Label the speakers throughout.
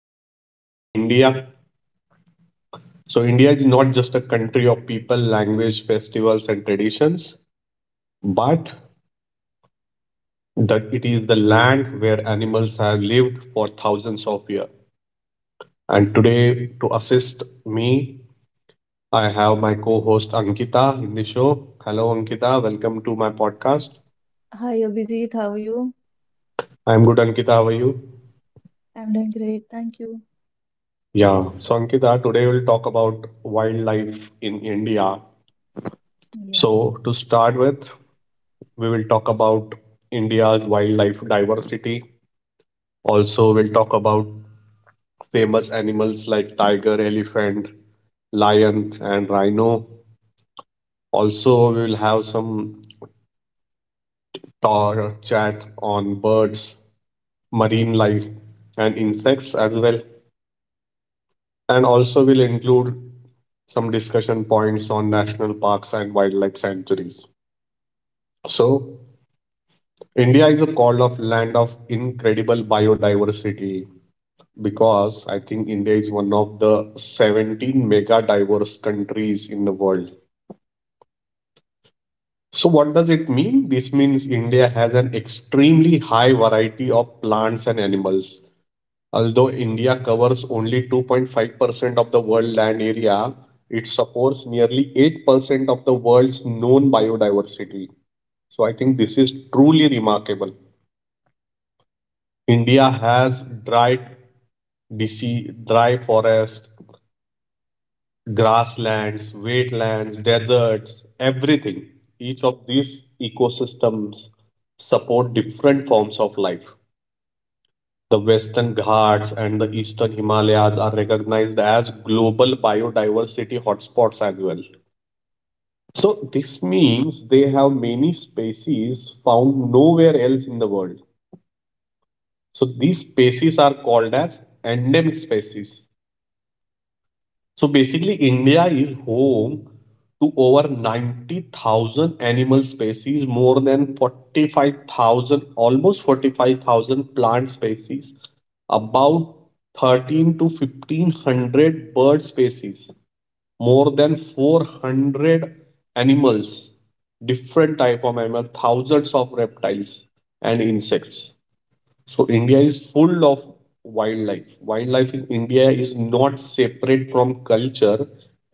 Speaker 1: wildlife in India. So, India is not just a country of people, language, festivals, and traditions, but that it is the land where animals have lived for thousands of years. And today, to assist me, I have my co host Ankita in the show. Hello, Ankita. Welcome to my podcast.
Speaker 2: Hi Abhijit, how are you?
Speaker 1: I'm good, Ankita. How are you?
Speaker 2: I'm doing great, thank you.
Speaker 1: Yeah. So, Ankita, today we'll talk about wildlife in India. So,
Speaker 2: Yes.
Speaker 1: to start with, we will talk about India's wildlife diversity. Also, we'll talk about famous animals like tiger, elephant, lion, and rhino. Also, we will have some chat on birds marine life, and insects as well. And also, will include some discussion points on national parks and wildlife sanctuaries. So, India is a call of land of incredible biodiversity because I think India is one of the 17 mega diverse countries in the world. So, what does it mean? This means India has an extremely high variety of plants and animals. Although India covers only 2.5% of the world land area, it supports nearly 8% of the world's known biodiversity. So I think this is truly remarkable. India has dry forest, grasslands, wetlands, deserts, everything. Each of these ecosystems support different forms of life. The Western Ghats and the Eastern Himalayas are recognized as global biodiversity hotspots as well. So this means they have many species found nowhere else in the world. So these species are called as endemic species. So basically, India is home to over 90,000 animal species, more than 45,000, almost 45,000 plant species, about 13 to 1500 bird species, more than 400 animals, different type of animals, thousands of reptiles and insects. So India is full of wildlife. Wildlife in India is not separate from culture.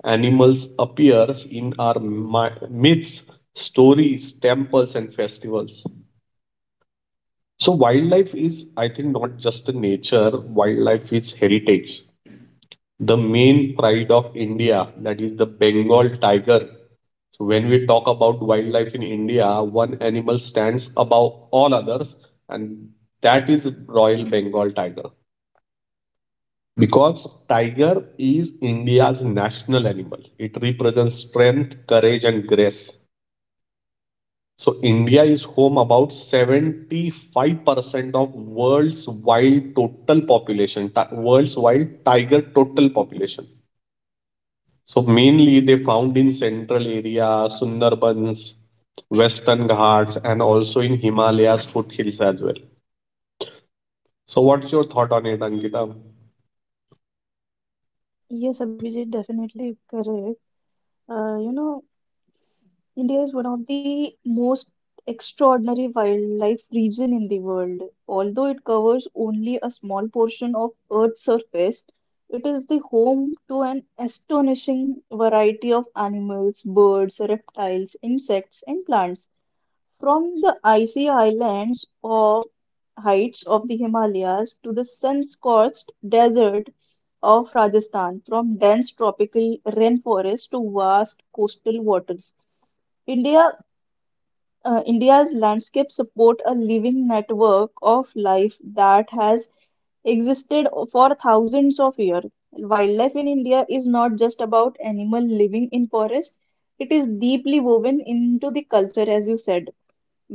Speaker 1: Animals appears in our myths, stories, temples, and festivals. So wildlife is, I think, not just a nature. Wildlife is heritage. The main pride of India, that is the Bengal tiger. So when we talk about wildlife in India, one animal stands above all others, and that is Royal Bengal tiger. Because tiger is India's national animal. It represents strength, courage, and grace. So India is home about 75% of world's wild total population, world's wild tiger total population. So mainly they found in central area, Sundarbans, Western Ghats, and also in Himalayas foothills as well. So what's your thought on it, Angita?
Speaker 2: Yes, Abhijit, definitely correct. You know, India is one of the most extraordinary wildlife region in the world. Although it covers only a small portion of Earth's surface, it is the home to an astonishing variety of animals, birds, reptiles, insects, and plants. From the icy highlands or heights of the Himalayas to the sun-scorched desert of Rajasthan, from dense tropical rainforests to vast coastal waters, India, India's landscape support a living network of life that has existed for thousands of years. Wildlife in India is not just about animal living in forests; it is deeply woven into the culture, as you said,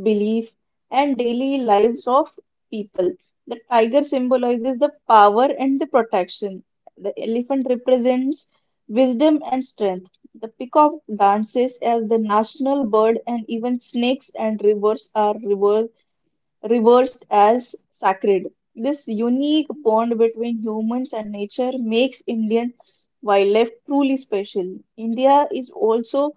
Speaker 2: belief, and daily lives of people. The tiger symbolizes the power and the protection. The elephant represents wisdom and strength. The peacock dances as the national bird, and even snakes and rivers are reversed as sacred. This unique bond between humans and nature makes Indian wildlife truly special. India is also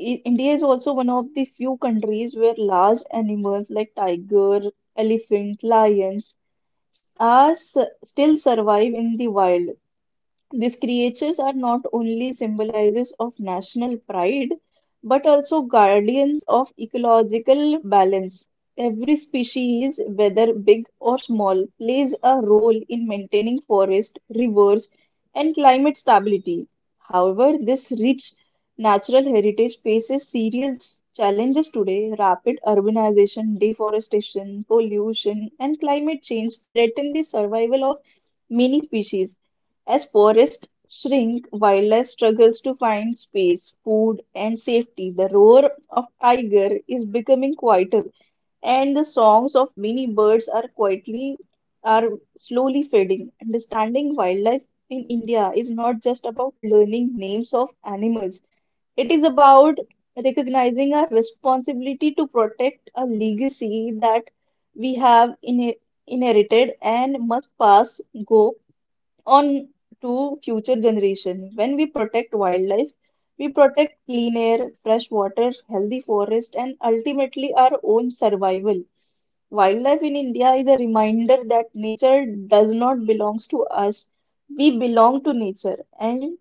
Speaker 2: I- India is also one of the few countries where large animals like tiger, elephant, lions are s- still survive in the wild. These creatures are not only symbolizes of national pride, but also guardians of ecological balance. Every species, whether big or small, plays a role in maintaining forest, rivers, and climate stability. However, this rich natural heritage faces serious challenges today. Rapid urbanization, deforestation, pollution, and climate change threaten the survival of many species. As forests shrink, wildlife struggles to find space, food, and safety. The roar of tiger is becoming quieter, and the songs of many birds are slowly fading. Understanding wildlife in India is not just about learning names of animals. It is about recognizing our responsibility to protect a legacy that we have in inherited and must pass go on to future generation. When we protect wildlife, we protect clean air, fresh water, healthy forest, and ultimately our own survival. Wildlife in India is a reminder that nature does not belong to us. We belong to nature, and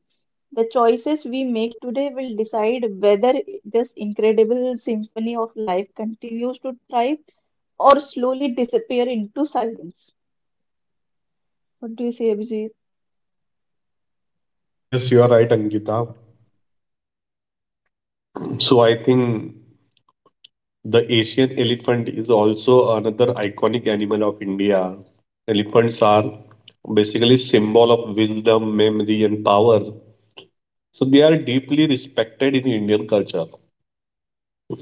Speaker 2: the choices we make today will decide whether this incredible symphony of life continues to thrive or slowly disappear into silence. What do you say, Abhijit?
Speaker 1: Yes, you are right, Angita. So I think the Asian elephant is also another iconic animal of India. Elephants are basically symbol of wisdom, memory, and power. So they are deeply respected in Indian culture.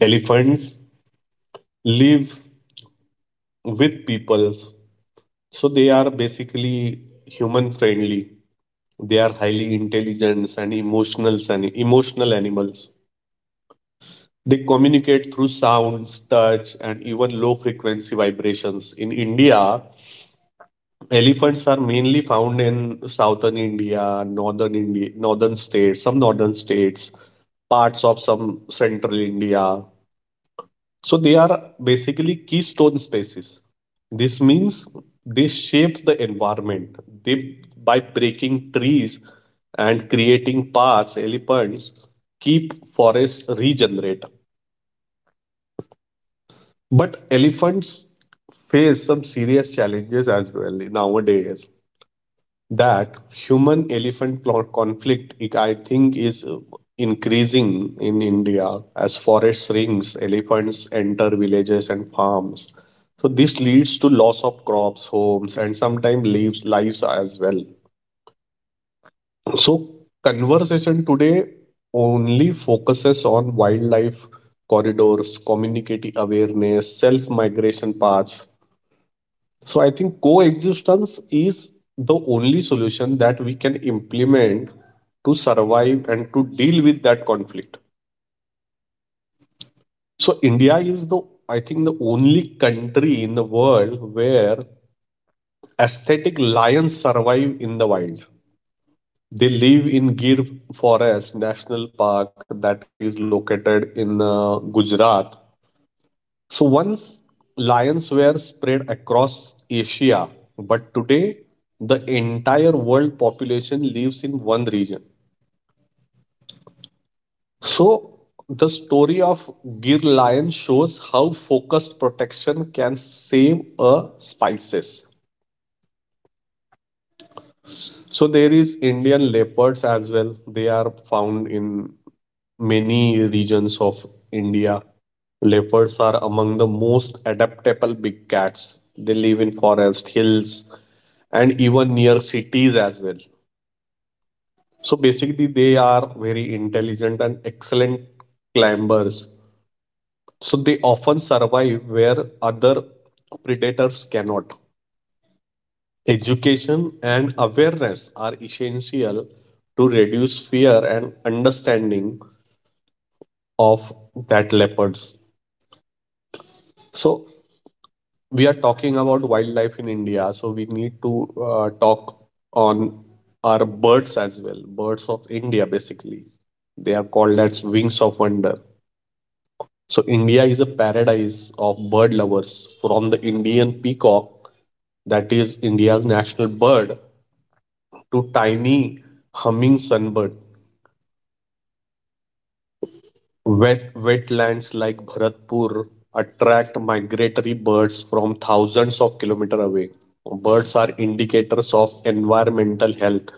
Speaker 1: Elephants live with people, so they are basically human friendly. They are highly intelligent and emotional animals. They communicate through sounds, touch, and even low frequency vibrations. In India, elephants are mainly found in southern India, northern states, some northern states, parts of some central India. So they are basically keystone species. This means they shape the environment. They by breaking trees and creating paths, elephants keep forests regenerate. But elephants face some serious challenges as well nowadays, that human elephant conflict it, I think is increasing in India. As forest shrinks, elephants enter villages and farms, so this leads to loss of crops, homes, and sometimes lives as well. So conversation today only focuses on wildlife corridors, community awareness, self migration paths. So I think coexistence is the only solution that we can implement to survive and to deal with that conflict. So India is the I think the only country in the world where aesthetic lions survive in the wild. They live in Gir Forest National Park that is located in Gujarat. So once lions were spread across Asia, but today the entire world population lives in one region. So the story of Gir lion shows how focused protection can save a species. So there is Indian leopards as well. They are found in many regions of India. Leopards are among the most adaptable big cats. They live in forest, hills, and even near cities as well. So basically, they are very intelligent and excellent climbers. So they often survive where other predators cannot. Education and awareness are essential to reduce fear and understanding of that leopards. So we are talking about wildlife in India. So we need to talk on our birds as well. Birds of India, basically, they are called as wings of wonder. So India is a paradise of bird lovers, from the Indian peacock, that is India's national bird, to tiny humming sunbird. Wetlands like Bharatpur attract migratory birds from thousands of kilometers away. Birds are indicators of environmental health.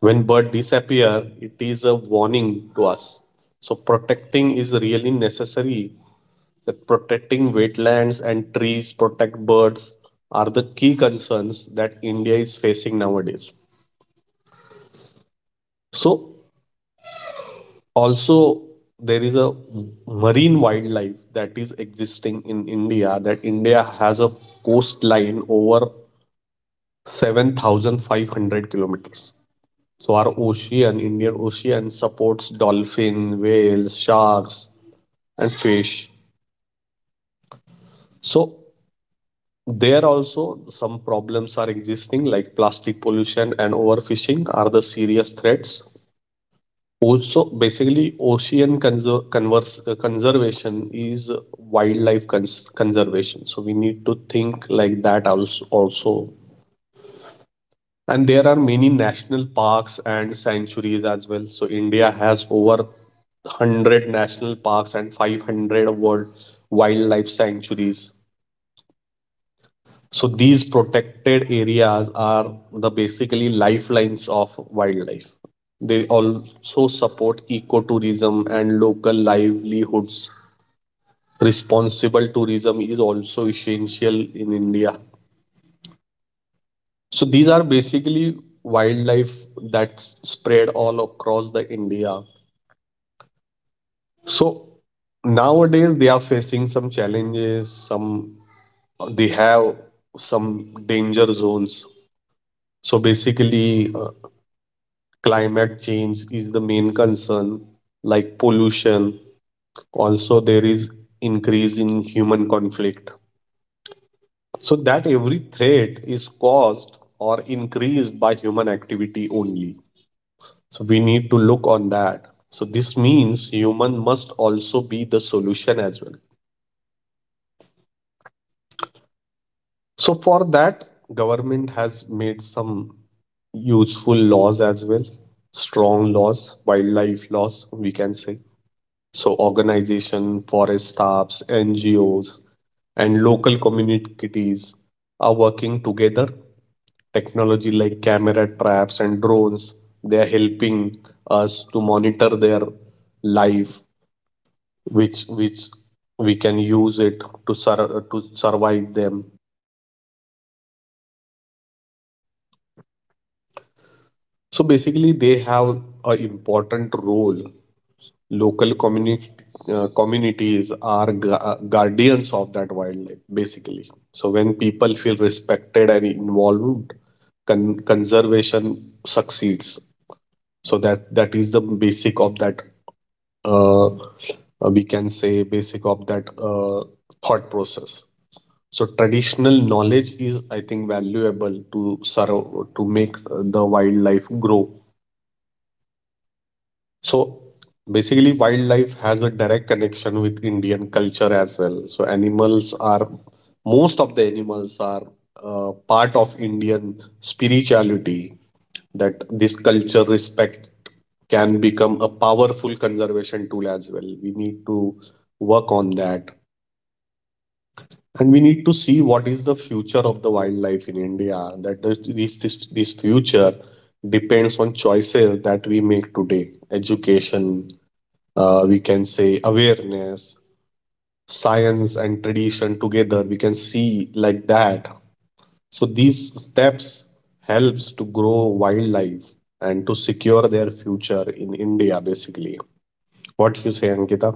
Speaker 1: When birds disappear, it is a warning to us. So protecting is really necessary. That protecting wetlands and trees, protect birds are the key concerns that India is facing nowadays. So also there is a marine wildlife that is existing in India, that India has a coastline over 7,500 kilometers. So our ocean, Indian ocean, supports dolphin, whales, sharks, and fish. So there also some problems are existing, like plastic pollution and overfishing are the serious threats. Also, basically, ocean conservation is wildlife conservation. So we need to think like that also. Also, and there are many national parks and sanctuaries as well. So India has over 100 national parks and 500 world wildlife sanctuaries. So these protected areas are the basically lifelines of wildlife. They also support ecotourism and local livelihoods. Responsible tourism is also essential in India. So these are basically wildlife that's spread all across the India. So nowadays they are facing some challenges, some they have some danger zones. So basically, climate change is the main concern, like pollution. Also, there is increase in human conflict. So that every threat is caused or increased by human activity only. So we need to look on that. So this means human must also be the solution as well. So for that, government has made some useful laws as well, strong laws, wildlife laws, we can say. So organization, forest staffs, NGOs, and local communities are working together. Technology like camera traps and drones, they are helping us to monitor their life, which we can use it to to survive them. So basically, they have a important role. Local communi- communities are guardians of that wildlife, basically. So when people feel respected and involved, conservation succeeds. So that is the basic of that. Uh, uh, we can say basic of that thought process. So traditional knowledge is, I think, valuable to serve to make the wildlife grow. So basically, wildlife has a direct connection with Indian culture as well. So animals are, most of the animals are part of Indian spirituality, that this culture respect can become a powerful conservation tool as well. We need to work on that. And we need to see what is the future of the wildlife in India. That this future depends on choices that we make today, education, we can say awareness, science, and tradition together we can see like that. So these steps helps to grow wildlife and to secure their future in India basically. What you say, Ankita?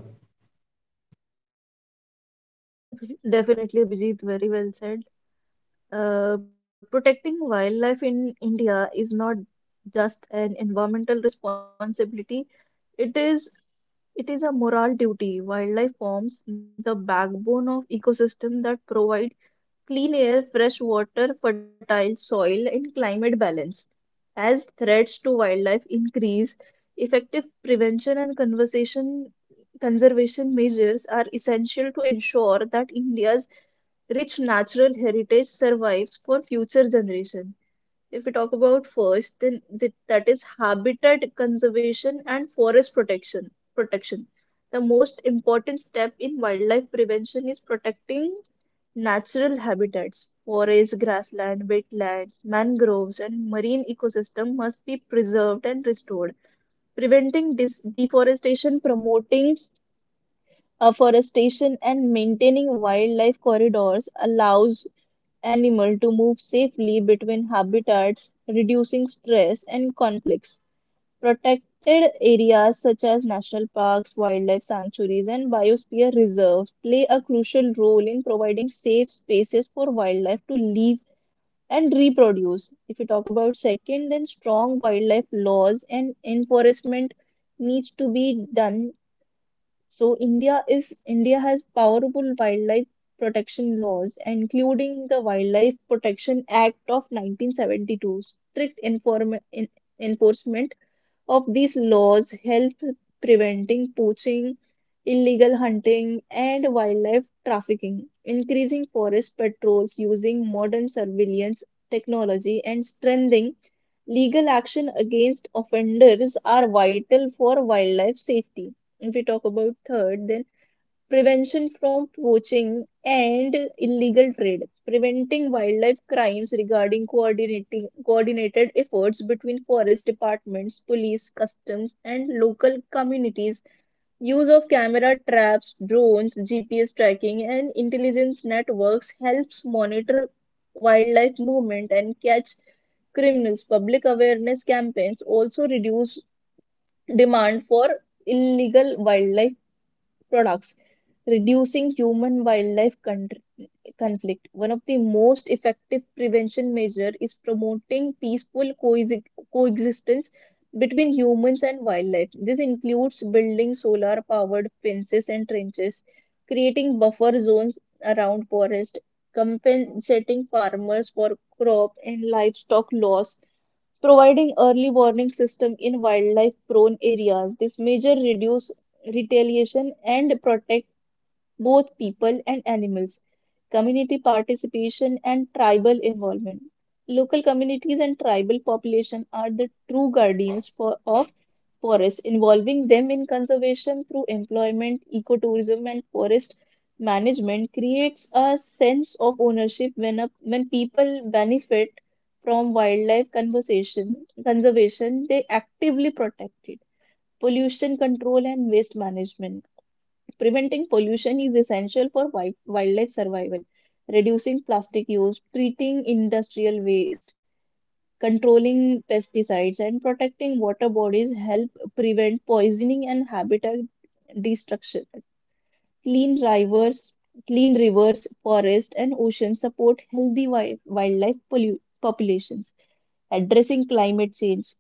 Speaker 2: Yes, definitely, Abhijit, very well said. Protecting wildlife in India is not just an environmental responsibility, it is it is a moral duty. Wildlife forms the backbone of ecosystem that provide clean air, fresh water, fertile soil, and climate balance. As threats to wildlife increase, effective prevention and conservation measures are essential to ensure that India's rich natural heritage survives for future generation. If we talk about first, then that is habitat conservation and forest protection. The most important step in wildlife prevention is protecting natural habitats, forests, grassland, wetlands, mangroves, and marine ecosystem must be preserved and restored. Preventing deforestation, promoting afforestation, and maintaining wildlife corridors allows animal to move safely between habitats, reducing stress and conflicts. Protected areas such as national parks, wildlife sanctuaries, and biosphere reserves play a crucial role in providing safe spaces for wildlife to live and reproduce. If you talk about second, then strong wildlife laws and enforcement needs to be done. So India has powerful wildlife protection laws, including the Wildlife Protection Act of 1972. Strict enforcement of these laws help preventing poaching, illegal hunting, and wildlife trafficking. Increasing forest patrols using modern surveillance technology and strengthening legal action against offenders are vital for wildlife safety. If we talk about third, then prevention from poaching and illegal trade. Preventing wildlife crimes regarding coordinating coordinated efforts between forest departments, police, customs, and local communities. Use of camera traps, drones, GPS tracking, and intelligence networks helps monitor wildlife movement and catch criminals. Public awareness campaigns also reduce demand for illegal wildlife products, reducing human wildlife conflict. One of the most effective prevention measure is promoting peaceful coexistence between humans and wildlife. This includes building solar powered fences and trenches, creating buffer zones around forest, compensating farmers for crop and livestock loss, providing early warning system in wildlife prone areas. This measure reduce retaliation and protect both people and animals, community participation and tribal involvement. Local communities and tribal population are the true guardians of forests, involving them in conservation through employment, ecotourism, and forest management creates a sense of ownership when people benefit from wildlife conservation, they actively protect it. Pollution control and waste management. Preventing pollution is essential for wildlife survival. Reducing plastic use, treating industrial waste, controlling pesticides, and protecting water bodies help prevent poisoning and habitat destruction. Clean rivers, clean rivers, forests, and oceans support healthy wildlife populations. Addressing climate change,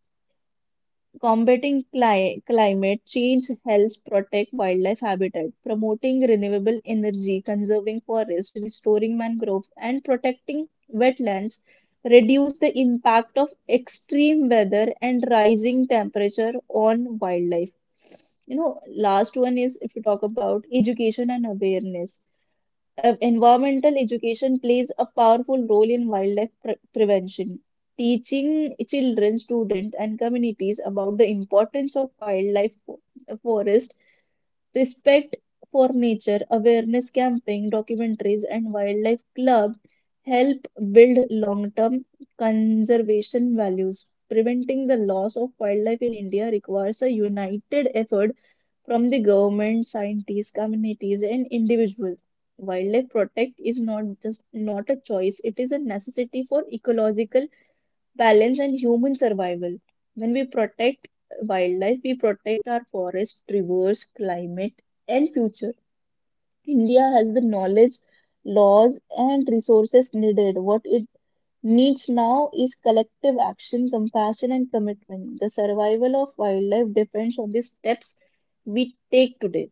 Speaker 2: combating climate change helps protect wildlife habitat, promoting renewable energy, conserving forests, restoring mangroves, and protecting wetlands reduce the impact of extreme weather and rising temperature on wildlife. You know, last one is if you talk about education and awareness. Environmental education plays a powerful role in wildlife prevention. Teaching children, students, and communities about the importance of wildlife forest, respect for nature, awareness camping, documentaries, and wildlife club help build long-term conservation values. Preventing the loss of wildlife in India requires a united effort from the government, scientists, communities, and individuals. Wildlife protect is not just not a choice; it is a necessity for ecological balance and human survival. When we protect wildlife, we protect our forests, rivers, climate, and future. India has the knowledge, laws, and resources needed. What it needs now is collective action, compassion, and commitment. The survival of wildlife depends on the steps we take today.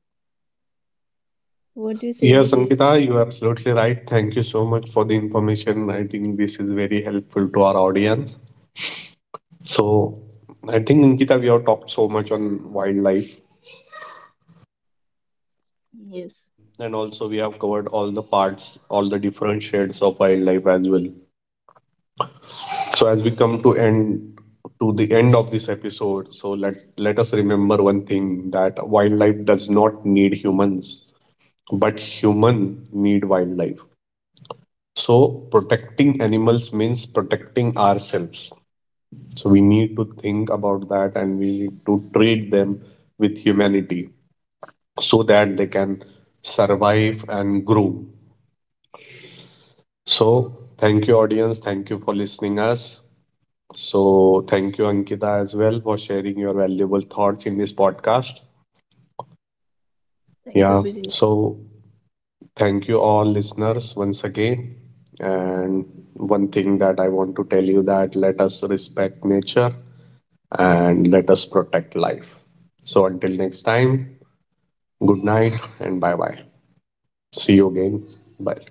Speaker 2: What do you say,
Speaker 1: Yes,
Speaker 2: Abhijit?
Speaker 1: Ankita, you're absolutely right. Thank you so much for the information. I think this is very helpful to our audience. So I think, Ankita, we have talked so much on wildlife,
Speaker 2: Yes,
Speaker 1: and also we have covered all the parts, all the different shades of wildlife as well. So as we come to the end of this episode, so let us remember one thing, that wildlife does not need humans, but human need wildlife. So protecting animals means protecting ourselves. So we need to think about that, and we need to treat them with humanity, so that they can survive and grow. So, thank you, audience. Thank you for listening us. So, thank you, Ankita, as well, for sharing your valuable thoughts in this podcast.
Speaker 2: thank you,
Speaker 1: Yeah.
Speaker 2: Abhijit.
Speaker 1: So, thank you, all listeners, once again. And one thing that I want to tell you, that let us respect nature and let us protect life. So, until next time, good night and bye bye. See you again. Bye.